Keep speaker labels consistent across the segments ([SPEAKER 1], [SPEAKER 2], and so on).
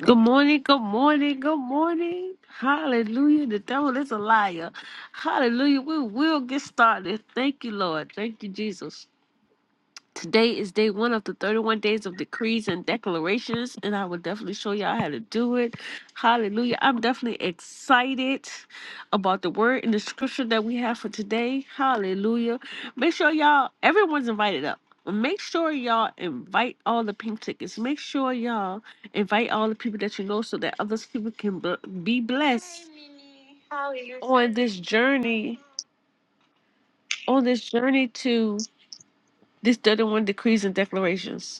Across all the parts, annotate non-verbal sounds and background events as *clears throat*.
[SPEAKER 1] Good morning, good morning, good morning. Hallelujah. The devil is a liar. Hallelujah. We will get started. Thank you, Lord. Thank you, Jesus. Today is day one of the 31 days of decrees and declarations, and I will definitely show y'all how to do it. Hallelujah. I'm definitely excited about the word and the scripture that we have for today. Hallelujah. Make sure y'all, everyone's invited up. Make sure y'all invite all the pink tickets. Make sure y'all invite all the people that you know so that other people can bl- be blessed on this journey, on this journey to this 31 decrees and declarations.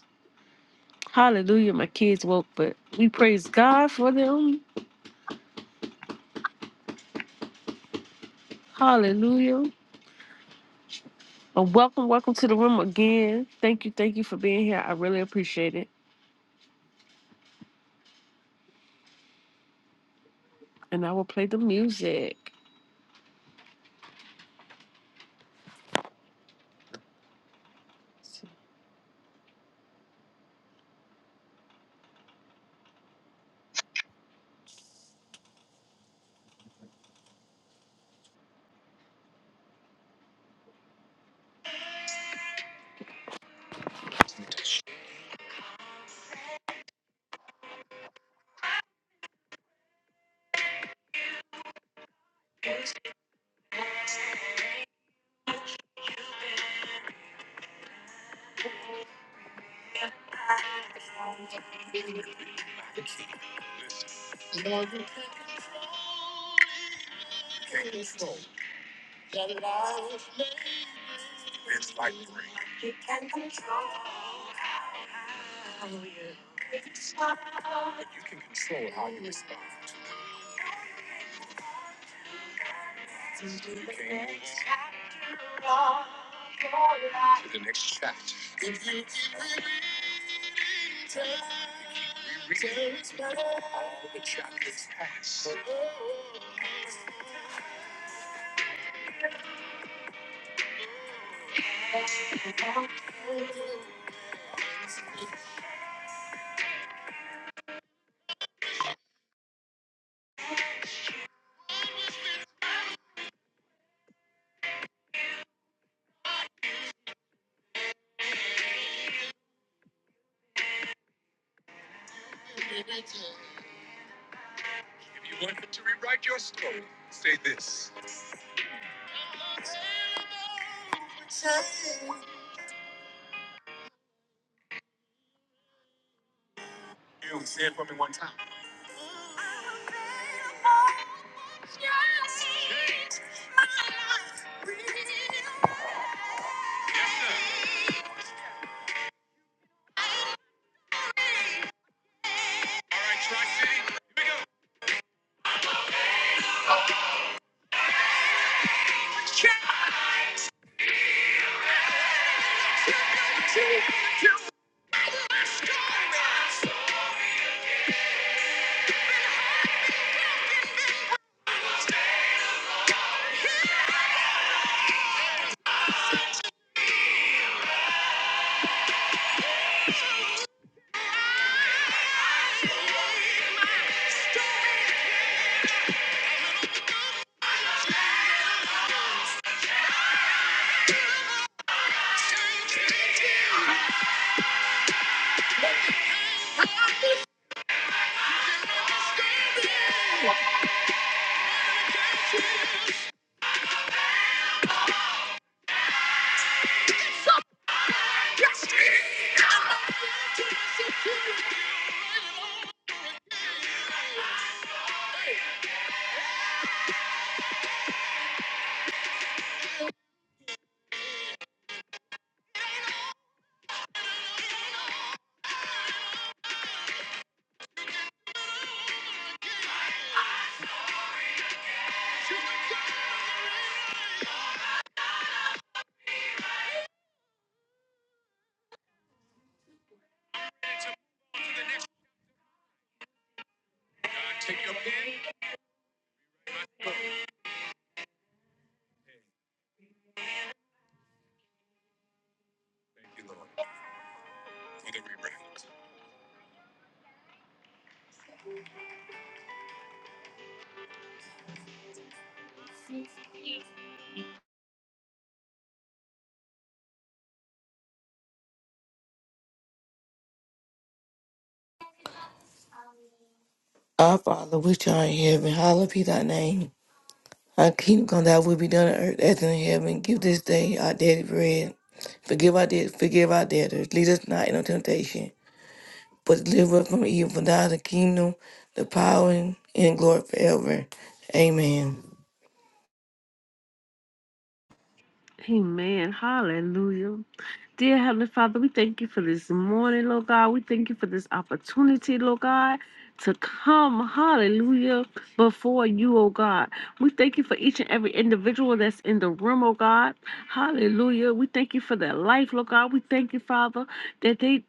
[SPEAKER 1] Hallelujah. My kids woke, but we praise God for them. Hallelujah. And welcome, welcome to the room again. Thank you, thank you for being here. I really appreciate it. And I will play the music. Thank you.
[SPEAKER 2] Our Father, which art in heaven, hallowed be thy name. Thy kingdom come, thy will be done on earth as in heaven. Give this day our daily bread. Forgive our debts, forgive our debtors. Lead us not into temptation, but deliver us from evil. For thine is the kingdom, the power, and and glory forever. Amen.
[SPEAKER 1] Amen. Hallelujah. Dear Heavenly Father, we thank you for this morning, Lord God. We thank you for this opportunity, Lord God, to come, hallelujah, before you, oh God. We thank you for each and every individual that's in the room, oh God. Hallelujah. We thank you for their life, Lord God. We thank you, Father, that they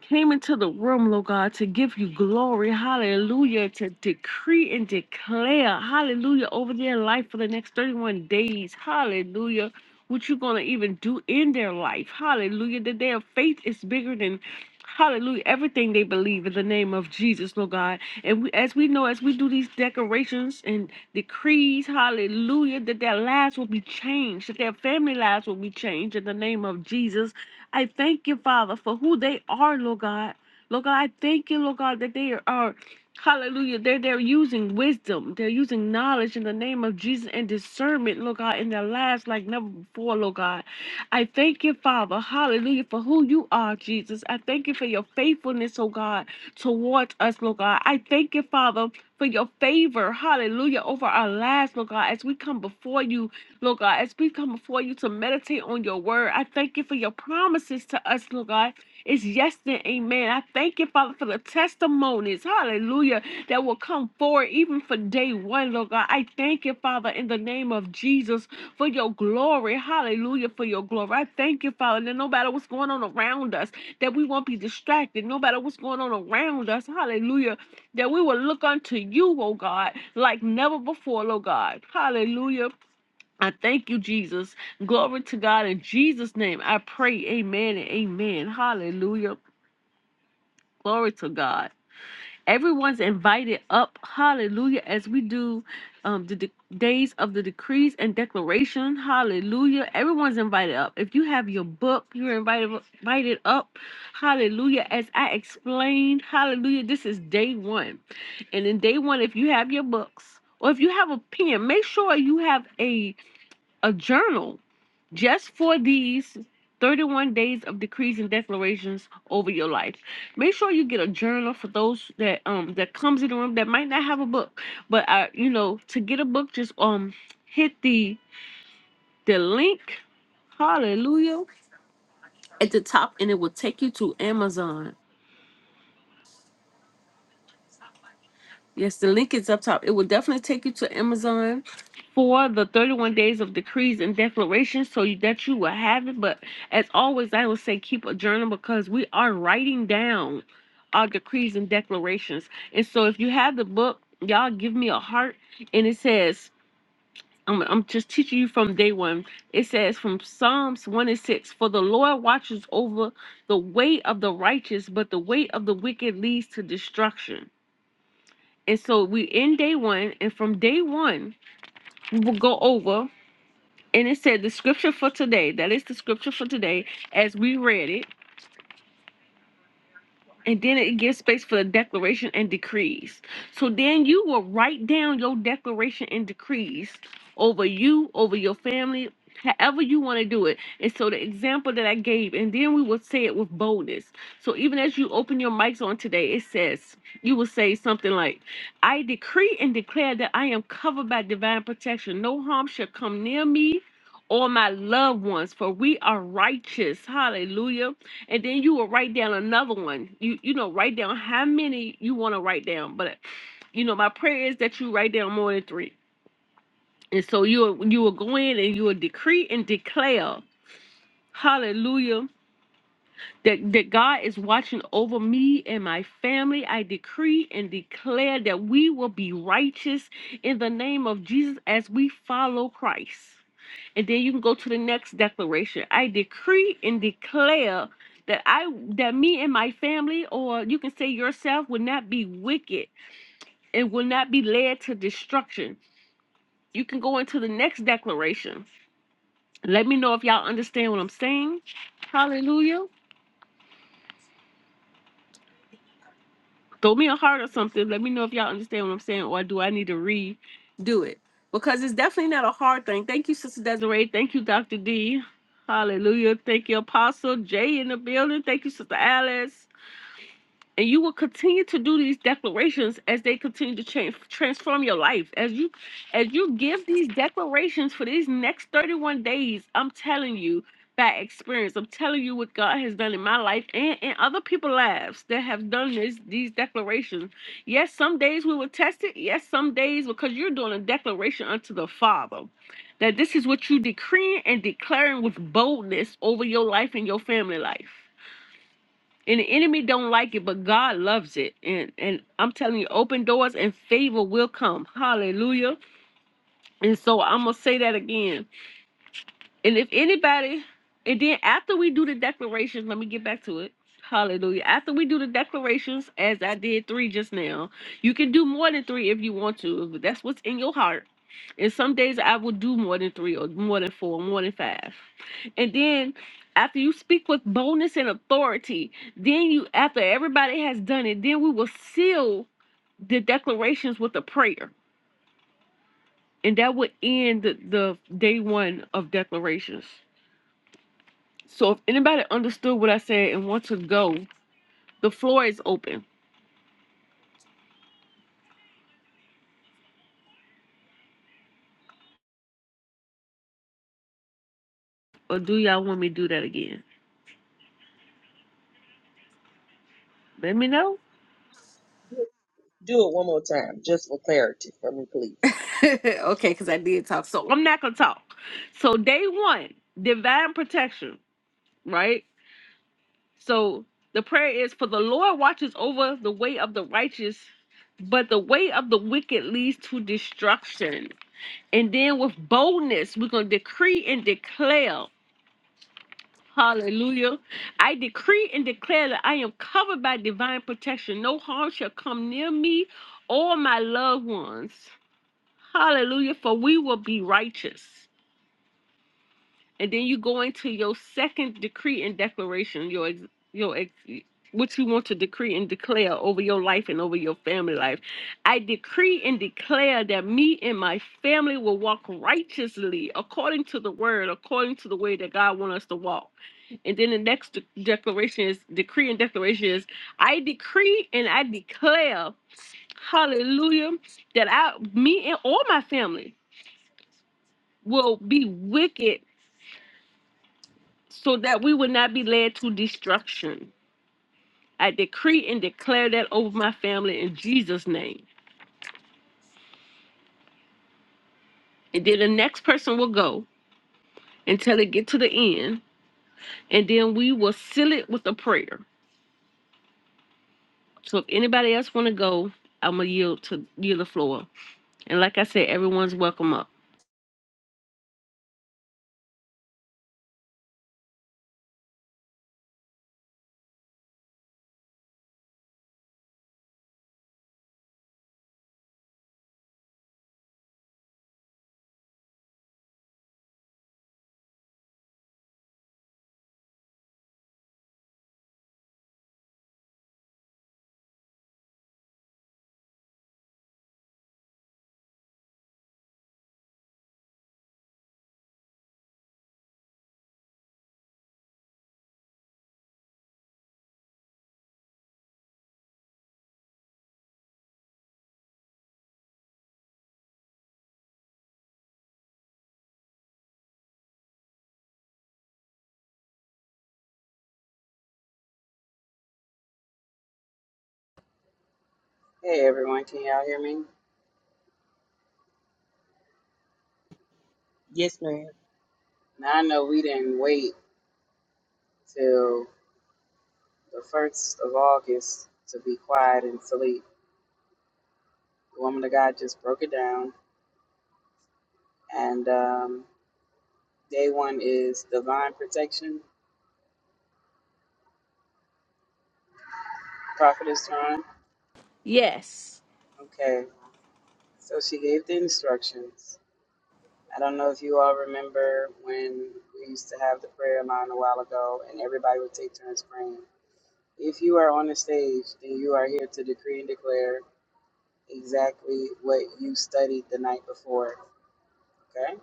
[SPEAKER 1] came into the room, Lord God, to give you glory. Hallelujah. To decree and declare, hallelujah, over their life for the next 31 days. Hallelujah. What you're going to even do in their life. Hallelujah. That their faith is bigger than. Hallelujah. Everything they believe in the name of Jesus, Lord God. And we, as we know, as we do these decorations and decrees, hallelujah, that their lives will be changed, that their family lives will be changed in the name of Jesus. I thank you, Father, for who they are, Lord God. Lord God, I thank you, Lord God, that they are, hallelujah, they're, they're using wisdom. They're using knowledge in the name of Jesus and discernment, Lord God, in their lives like never before, Lord God. I thank you, Father, hallelujah, for who you are, Jesus. I thank you for your faithfulness, oh God, towards us, Lord God. I thank you, Father, for your favor, hallelujah, over our lives, Lord God, as we come before you Lord God, as we come before you to meditate on your word, I thank you for your promises to us, Lord God. It's yes and amen. I thank you, Father, for the testimonies, hallelujah, that will come forward even for day one, Lord God. I thank you, Father, in the name of Jesus, for your glory, hallelujah, for your glory. I thank you, Father, that no matter what's going on around us, that we won't be distracted, no matter what's going on around us, hallelujah, that we will look unto you, oh God, like never before, oh God. Hallelujah. I thank you, Jesus. Glory to God in Jesus' name. I pray, amen and amen. Hallelujah. Glory to God. Everyone's invited up. Hallelujah. As we do um, the de- days of the decrees and declaration. Hallelujah. Everyone's invited up. If you have your book, you're invited, invited up. Hallelujah. As I explained, hallelujah. This is day one. And in day one, if you have your books or if you have a pen, make sure you have a, a journal just for these 31 days of decrees and declarations over your life. Make sure you get a journal for those that um that comes in the room that might not have a book. But I you know, to get a book, just um hit the the link, hallelujah, at the top and it will take you to Amazon. Yes, the link is up top. It will definitely take you to Amazon for the 31 days of decrees and declarations so you- that you will have it. But as always, I will say keep a journal because we are writing down our decrees and declarations. And so if you have the book, y'all give me a heart. And it says, I'm, I'm just teaching you from day one. It says from Psalms 1 and 6 For the Lord watches over the way of the righteous, but the weight of the wicked leads to destruction. And so we end day one, and from day one, we will go over and it said the scripture for today, that is the scripture for today, as we read it. And then it gives space for the declaration and decrees. So then you will write down your declaration and decrees over you, over your family, however you want to do it. And so the example that I gave, and then we will say it with boldness. So even as you open your mics on today, it says, you will say something like, I decree and declare that I am covered by divine protection. No harm shall come near me or my loved ones, for we are righteous. Hallelujah and then you will write down another one. You you know, write down how many you want to write down. But you know, my prayer is that you write down more than three. And so you will you will go in and you will decree and declare, Hallelujah, that that God is watching over me and my family. I decree and declare that we will be righteous in the name of Jesus as we follow Christ and then you can go to the next declaration i decree and declare that i that me and my family or you can say yourself will not be wicked and will not be led to destruction you can go into the next declaration let me know if y'all understand what i'm saying hallelujah throw me a heart or something. Let me know if y'all understand what I'm saying, or do I need to redo it? Because it's definitely not a hard thing. Thank you, Sister Desiree. Thank you, Dr. D. Hallelujah. Thank you, Apostle Jay in the building. Thank you, Sister Alice. And you will continue to do these declarations as they continue to change, transform your life. As you, as you give these declarations for these next 31 days, I'm telling you by experience, I'm telling you what God has done in my life and in other people's lives that have done this, these declarations. Yes, some days we will test it. Yes, some days because you're doing a declaration unto the Father. That this is what you decreeing and declaring with boldness over your life and your family life. And the enemy don't like it, but God loves it. And and I'm telling you, open doors and favor will come. Hallelujah. And so I'm gonna say that again. And if anybody, and then after we do the declarations, let me get back to it. Hallelujah. After we do the declarations, as I did three just now, you can do more than three if you want to, but that's what's in your heart. And some days I will do more than three or more than four, more than five. And then after you speak with boldness and authority, then you, after everybody has done it, then we will seal the declarations with a prayer. And that would end the, the day one of declarations. So if anybody understood what I said and want to go, the floor is open. Or do y'all want me to do that again? Let me know.
[SPEAKER 3] Do it one more time, just for clarity for me, please.
[SPEAKER 1] So I'm not gonna talk. So day one, divine protection, right? So the prayer is for the Lord watches over the way of the righteous, but the way of the wicked leads to destruction. And then with boldness, we're gonna decree and declare. Hallelujah. I decree and declare that I am covered by divine protection. No harm shall come near me or my loved ones. Hallelujah. For we will be righteous. And then you go into your second decree and declaration, your ex- your ex, what you want to decree and declare over your life and over your family life. I decree and declare that me and my family will walk righteously according to the word, according to the way that God wants us to walk. And then the next de- declaration is decree and declaration is I decree and I declare, hallelujah, that I me and all my family will be wicked so that we will not be led to destruction. I decree and declare that over my family in Jesus' name. And then the next person will go until it get to the end. And then we will seal it with a prayer. So if anybody else wanna go, I'm gonna yield to yield the floor. And like I said, everyone's welcome up.
[SPEAKER 4] Hey everyone, can y'all hear me?
[SPEAKER 3] Yes, ma'am.
[SPEAKER 4] Now I know we didn't wait till the first of August to be quiet and sleep. The woman of God just broke it down, and um, day one is divine protection. prophetess is
[SPEAKER 1] Yes.
[SPEAKER 4] Okay, so she gave the instructions. I don't know if you all remember when we used to have the prayer line a while ago, and everybody would take turns praying. If you are on the stage, then you are here to decree and declare exactly what you studied the night before. Okay?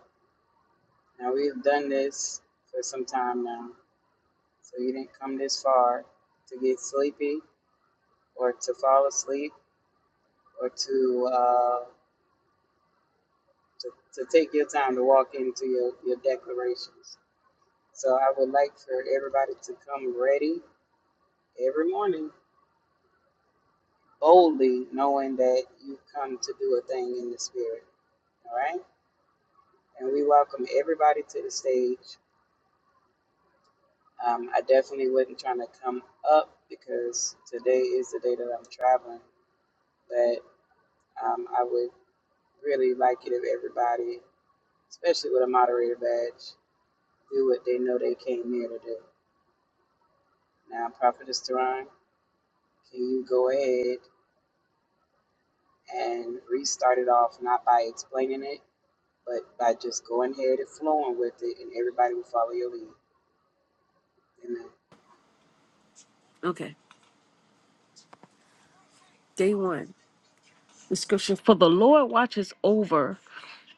[SPEAKER 4] Now we have done this for some time now. So you didn't come this far to get sleepy or to fall asleep or to uh, to, to take your time to walk into your, your declarations. So I would like for everybody to come ready every morning, boldly knowing that you've come to do a thing in the spirit. All right? And we welcome everybody to the stage Um, I definitely wasn't trying to come up because today is the day that I'm traveling. But um, I would really like it if everybody, especially with a moderator badge, do what they know they came here to do. Now, Prophetess Teron, can you go ahead and restart it off, not by explaining it, but by just going ahead and flowing with it, and everybody will follow your lead. Amen.
[SPEAKER 1] Okay. Day one. The scripture For the Lord watches over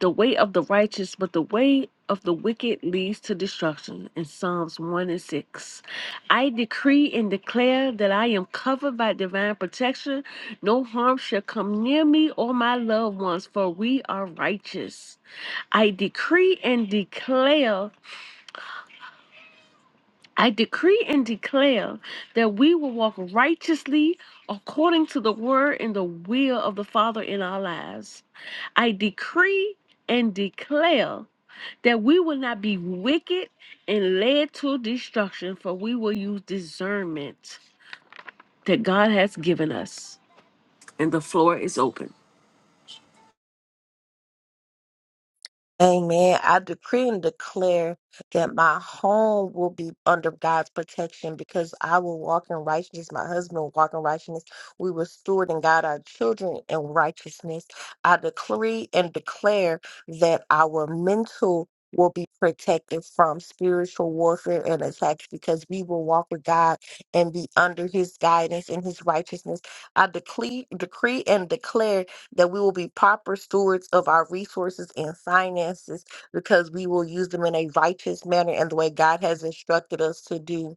[SPEAKER 1] the way of the righteous, but the way of the wicked leads to destruction. In Psalms 1 and 6. I decree and declare that I am covered by divine protection. No harm shall come near me or my loved ones, for we are righteous. I decree and declare. I decree and declare that we will walk righteously according to the word and the will of the Father in our lives. I decree and declare that we will not be wicked and led to destruction, for we will use discernment that God has given us. And the floor is open.
[SPEAKER 5] Amen. I decree and declare that my home will be under God's protection because I will walk in righteousness. My husband will walk in righteousness. We will steward and guide our children in righteousness. I decree and declare that our mental will be protected from spiritual warfare and attacks because we will walk with God and be under his guidance and his righteousness. I decree, decree and declare that we will be proper stewards of our resources and finances because we will use them in a righteous manner and the way God has instructed us to do.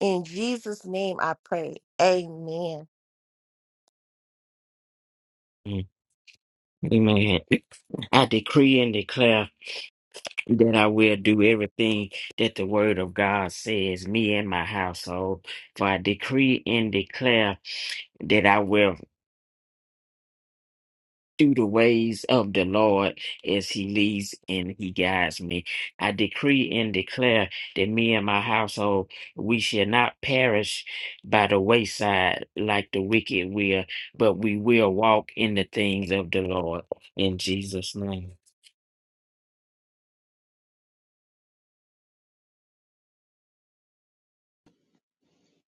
[SPEAKER 5] In Jesus' name I pray. Amen.
[SPEAKER 6] Mm, Amen. I decree and declare that I will do everything that the word of God says, me and my household. For I decree and declare that I will do the ways of the Lord as he leads and he guides me. I decree and declare that me and my household, we shall not perish by the wayside like the wicked will, but we will walk in the things of the Lord. In Jesus' name.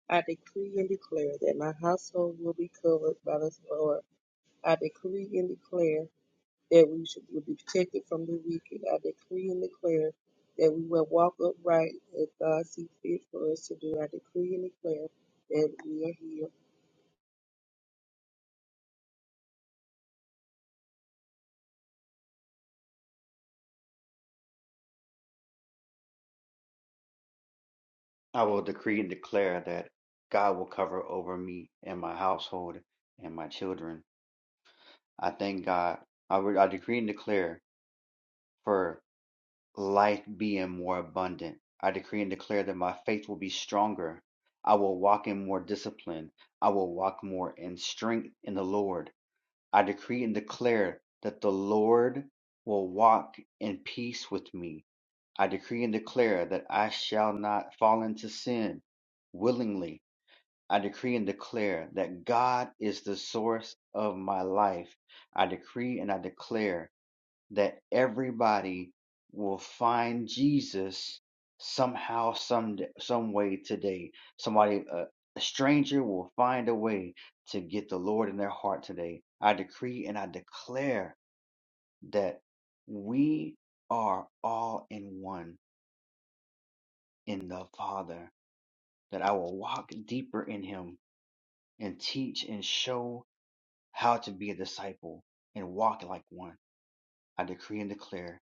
[SPEAKER 3] I decree and declare that my household will be covered by the Lord. I decree and declare that we should will be protected from the wicked. I decree and declare that we will walk upright as God sees fit for us to do. I decree and declare that we are here.
[SPEAKER 7] I will decree and declare that God will cover over me and my household and my children. I thank God. I, re- I decree and declare for life being more abundant. I decree and declare that my faith will be stronger. I will walk in more discipline. I will walk more in strength in the Lord. I decree and declare that the Lord will walk in peace with me. I decree and declare that I shall not fall into sin willingly. I decree and declare that God is the source of my life. I decree and I declare that everybody will find Jesus somehow, some some way today. Somebody, uh, a stranger, will find a way to get the Lord in their heart today. I decree and I declare that we are all in one in the Father. That I will walk deeper in Him and teach and show how to be a disciple and walk like one. I decree and declare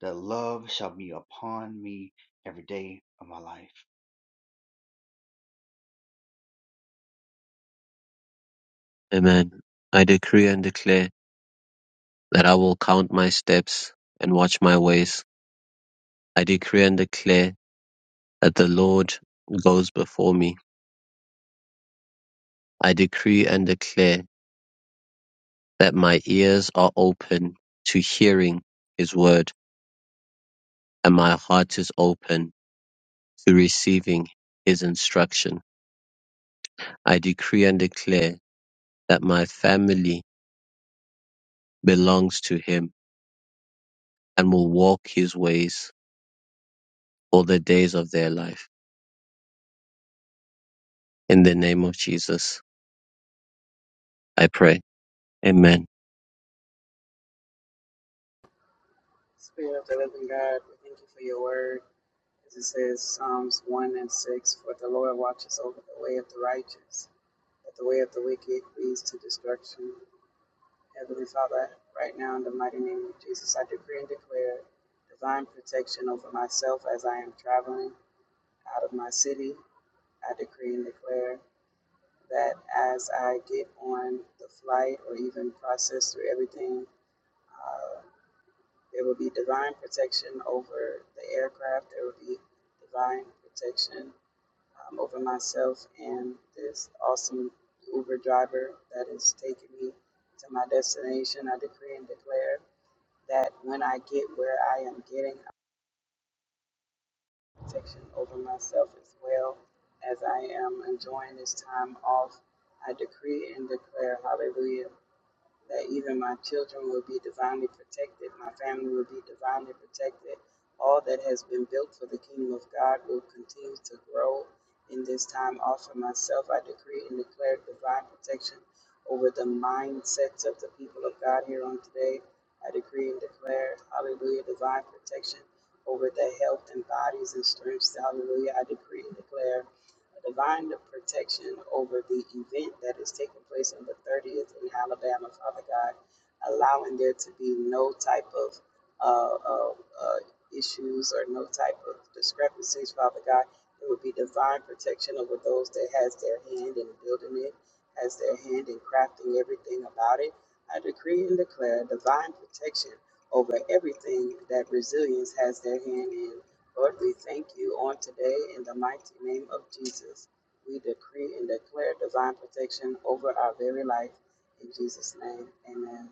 [SPEAKER 7] that love shall be upon me every day of my life.
[SPEAKER 8] Amen. I decree and declare that I will count my steps and watch my ways. I decree and declare that the Lord goes before me. I decree and declare that my ears are open to hearing his word and my heart is open to receiving his instruction. I decree and declare that my family belongs to him and will walk his ways all the days of their life. In the name of Jesus, I pray. Amen.
[SPEAKER 4] Spirit of the living God, we thank you for your word. As it says, Psalms 1 and 6 For the Lord watches over the way of the righteous, but the way of the wicked leads to destruction. Heavenly Father, right now in the mighty name of Jesus, I decree and declare divine protection over myself as I am traveling out of my city. I decree and declare that as I get on the flight or even process through everything, uh, there will be divine protection over the aircraft. There will be divine protection um, over myself and this awesome Uber driver that is taking me to my destination. I decree and declare that when I get where I am getting, I have protection over myself as well as I am enjoying this time off. I decree and declare, hallelujah that even my children will be divinely protected, my family will be divinely protected. All that has been built for the kingdom of God will continue to grow in this time. Offer myself, I decree and declare divine protection over the mindsets of the people of God here on today. I decree and declare, hallelujah, divine protection over their health and bodies and strengths. Hallelujah. I decree and declare divine protection over the event that is taking place on the 30th in Alabama, Father God, allowing there to be no type of uh, uh, uh, issues or no type of discrepancies, Father God. There would be divine protection over those that has their hand in building it, has their hand in crafting everything about it. I decree and declare divine protection over everything that resilience has their hand in. Lord, we thank you on today in the mighty name of Jesus. We decree and declare divine protection over our very life. In Jesus' name, amen.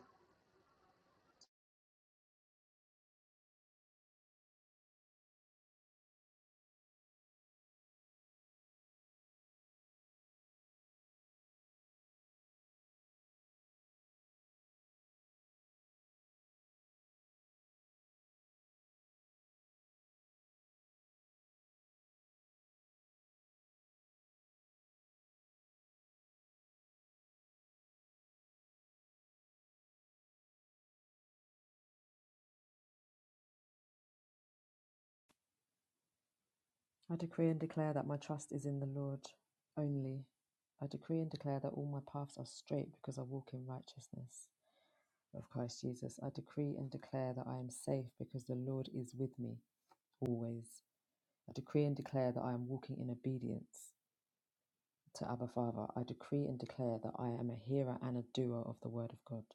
[SPEAKER 9] I decree and declare that my trust is in the Lord only. I decree and declare that all my paths are straight because I walk in righteousness of Christ Jesus. I decree and declare that I am safe because the Lord is with me always. I decree and declare that I am walking in obedience to Abba Father. I decree and declare that I am a hearer and a doer of the word of God.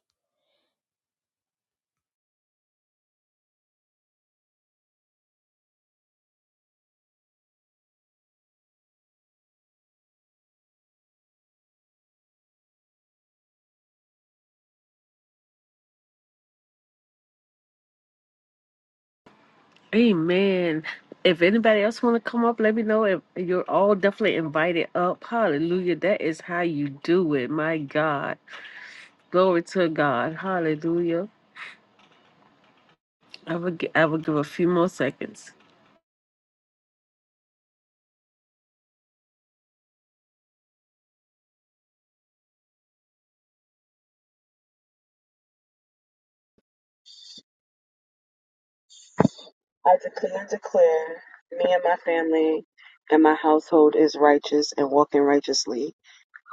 [SPEAKER 1] Amen. If anybody else want to come up, let me know. If you're all definitely invited up, Hallelujah! That is how you do it. My God. Glory to God. Hallelujah. I will, gi- I will give a few more seconds.
[SPEAKER 10] I decree and declare me and my family and my household is righteous and walking righteously.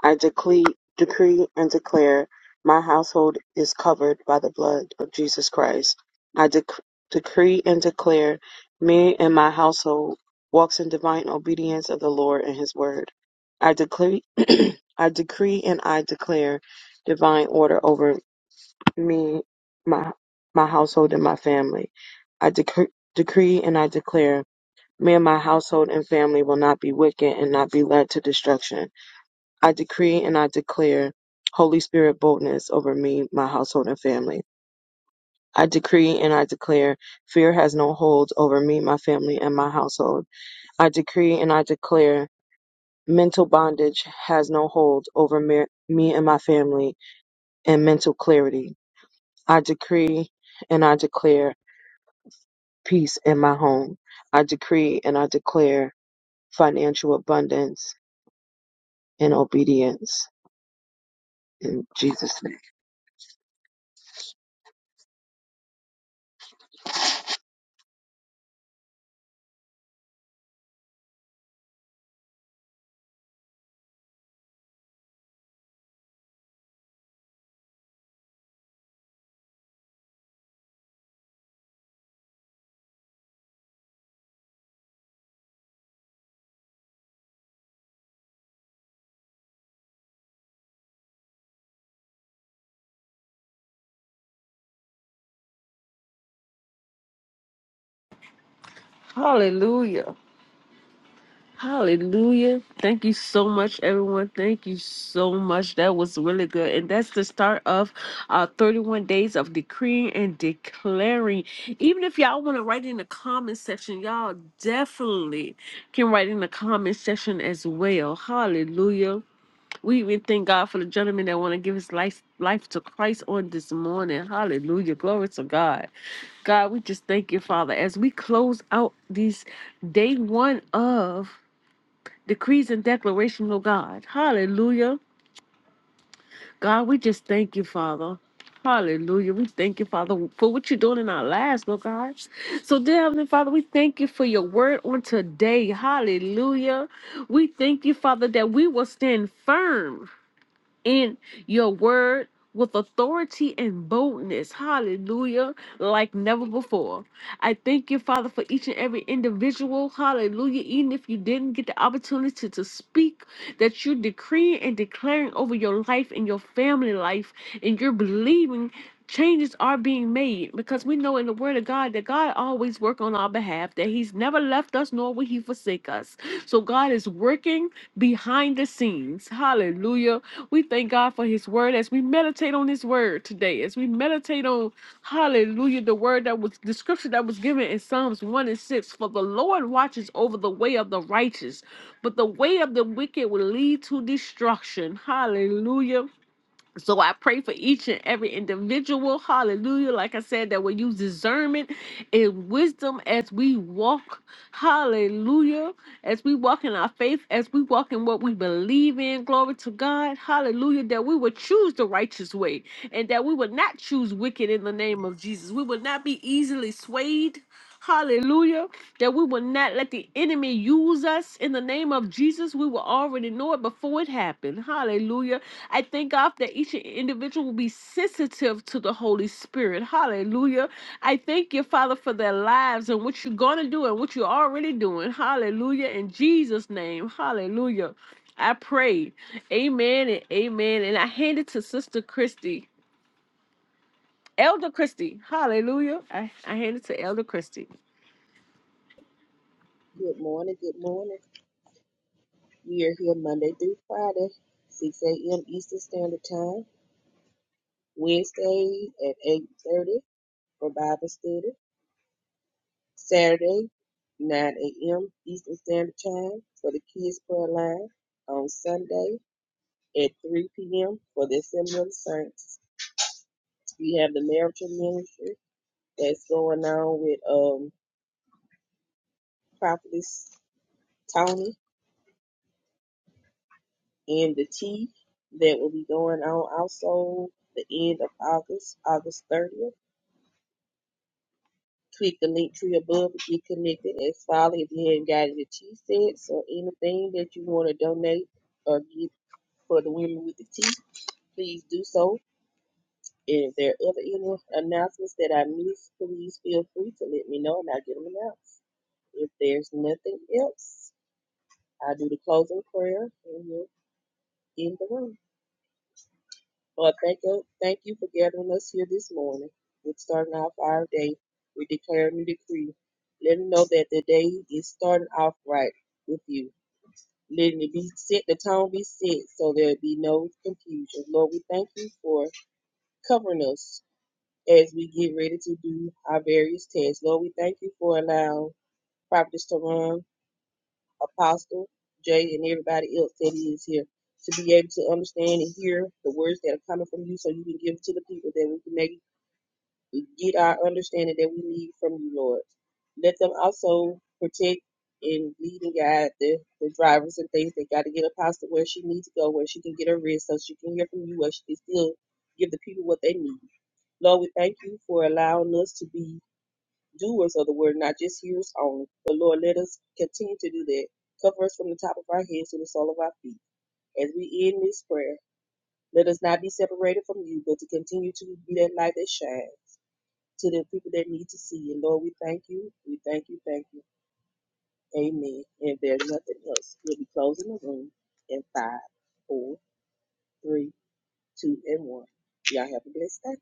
[SPEAKER 10] I decree, decree and declare my household is covered by the blood of Jesus Christ. I dec- decree and declare me and my household walks in divine obedience of the Lord and his word. I decree *clears throat* I decree and I declare divine order over me, my my household, and my family. I decree, decree and I declare, me and my household and family will not be wicked and not be led to destruction. I decree and I declare Holy Spirit boldness over me, my household, and family. I decree and I declare fear has no hold over me, my family, and my household. I decree and I declare mental bondage has no hold over me, me and my family and mental clarity. I decree and I declare peace in my home. I decree and I declare financial abundance and obedience in Jesus' name.
[SPEAKER 1] Hallelujah. Hallelujah. Thank you so much, everyone. Thank you so much. That was really good. And that's the start of uh, 31 days of decreeing and declaring. Even if y'all want to write in the comment section, y'all definitely can write in the comment section as well. Hallelujah. We even thank God for the gentleman that want to give his life life to Christ on this morning. Hallelujah. Glory to God. God, we just thank you, Father, as we close out these day one of decrees and declaration, oh God. Hallelujah. God, we just thank you, Father. Hallelujah. We thank you, Father, for what you're doing in our lives, oh God. So, dear Heavenly Father, we thank you for your word on today. Hallelujah. We thank you, Father, that we will stand firm in your word with authority and boldness. Hallelujah. Like never before. I thank you, Father, for each and every individual. Hallelujah. Even if you didn't get the opportunity to speak, that you decree and declaring over your life and your family life, and you're believing changes are being made because we know in the word of god that god always work on our behalf that he's never left us nor will he forsake us so god is working behind the scenes hallelujah we thank God for his word as we meditate on his word today, as we meditate on hallelujah, the word that was the scripture that was given in Psalms 1 and 6. For the Lord watches over the way of the righteous, but the way of the wicked will lead to destruction. Hallelujah. So I pray for each and every individual. Hallelujah. Like I said, that we use discernment and wisdom as we walk. Hallelujah. As we walk in our faith, as we walk in what we believe in. Glory to God. Hallelujah. That we would choose the righteous way and that we would not choose wicked in the name of Jesus. We would not be easily swayed. Hallelujah. That we will not let the enemy use us in the name of Jesus. We will already know it before it happened. Hallelujah I thank God that each individual will be sensitive to the Holy Spirit. Hallelujah. I thank you, Father, for their lives and what you're going to do and what you're already doing. Hallelujah. In Jesus' name. Hallelujah. I pray. Amen and amen. And I hand it to Sister Christy. Elder Christy. Hallelujah. I, I hand it to Elder Christy.
[SPEAKER 3] Good morning, good morning. We are here Monday through Friday, 6 a.m. Eastern Standard Time. Wednesday at 8.30 for Bible study. Saturday, 9 a.m. Eastern Standard Time for the Kids Prayer Line. On Sunday at 3 p.m. for the Assembly of the Saints. We have the marital ministry that's going on with um, Prophetess Tony and the tea that will be going on also the end of August, August 30th. Click the link tree above to get connected as follow if you haven't got your tea sets or anything that you want to donate or get for the women with the tea please do so. And if there are other any announcements that I missed, please feel free to let me know and I'll get them announced. If there's nothing else, I'll do the closing prayer and we'll end the room. Lord, thank you, thank you for gathering us here this morning. We're starting off our day. We declare a new decree, letting know that the day is starting off right with you. Letting it be set, the tone be set, so there'll be no confusion. Lord, we thank you for covering us as we get ready to do our various tests. Lord, we thank you for allowing Prophetess Teron, Apostle, Jay, and everybody else that is here to be able to understand and hear the words that are coming from you so you can give it to the people that we can make get our understanding that we need from you, Lord. Let them also protect and lead and guide the, the drivers and things that got to get Apostle where she needs to go, where she can get her rest so she can hear from you, where she can still give the people what they need. Lord, we thank you for allowing us to be doers of the word, not just hearers only. But Lord, let us continue to do that. Cover us from the top of our heads to the sole of our feet. As we end this prayer, let us not be separated from you, but to continue to be that light that shines to the people that need to see you. Lord, we thank you. We thank you. Thank you. Amen. And if there's nothing else, we'll be closing the room in five, four, three, two, and one. Y'all have a blessed day.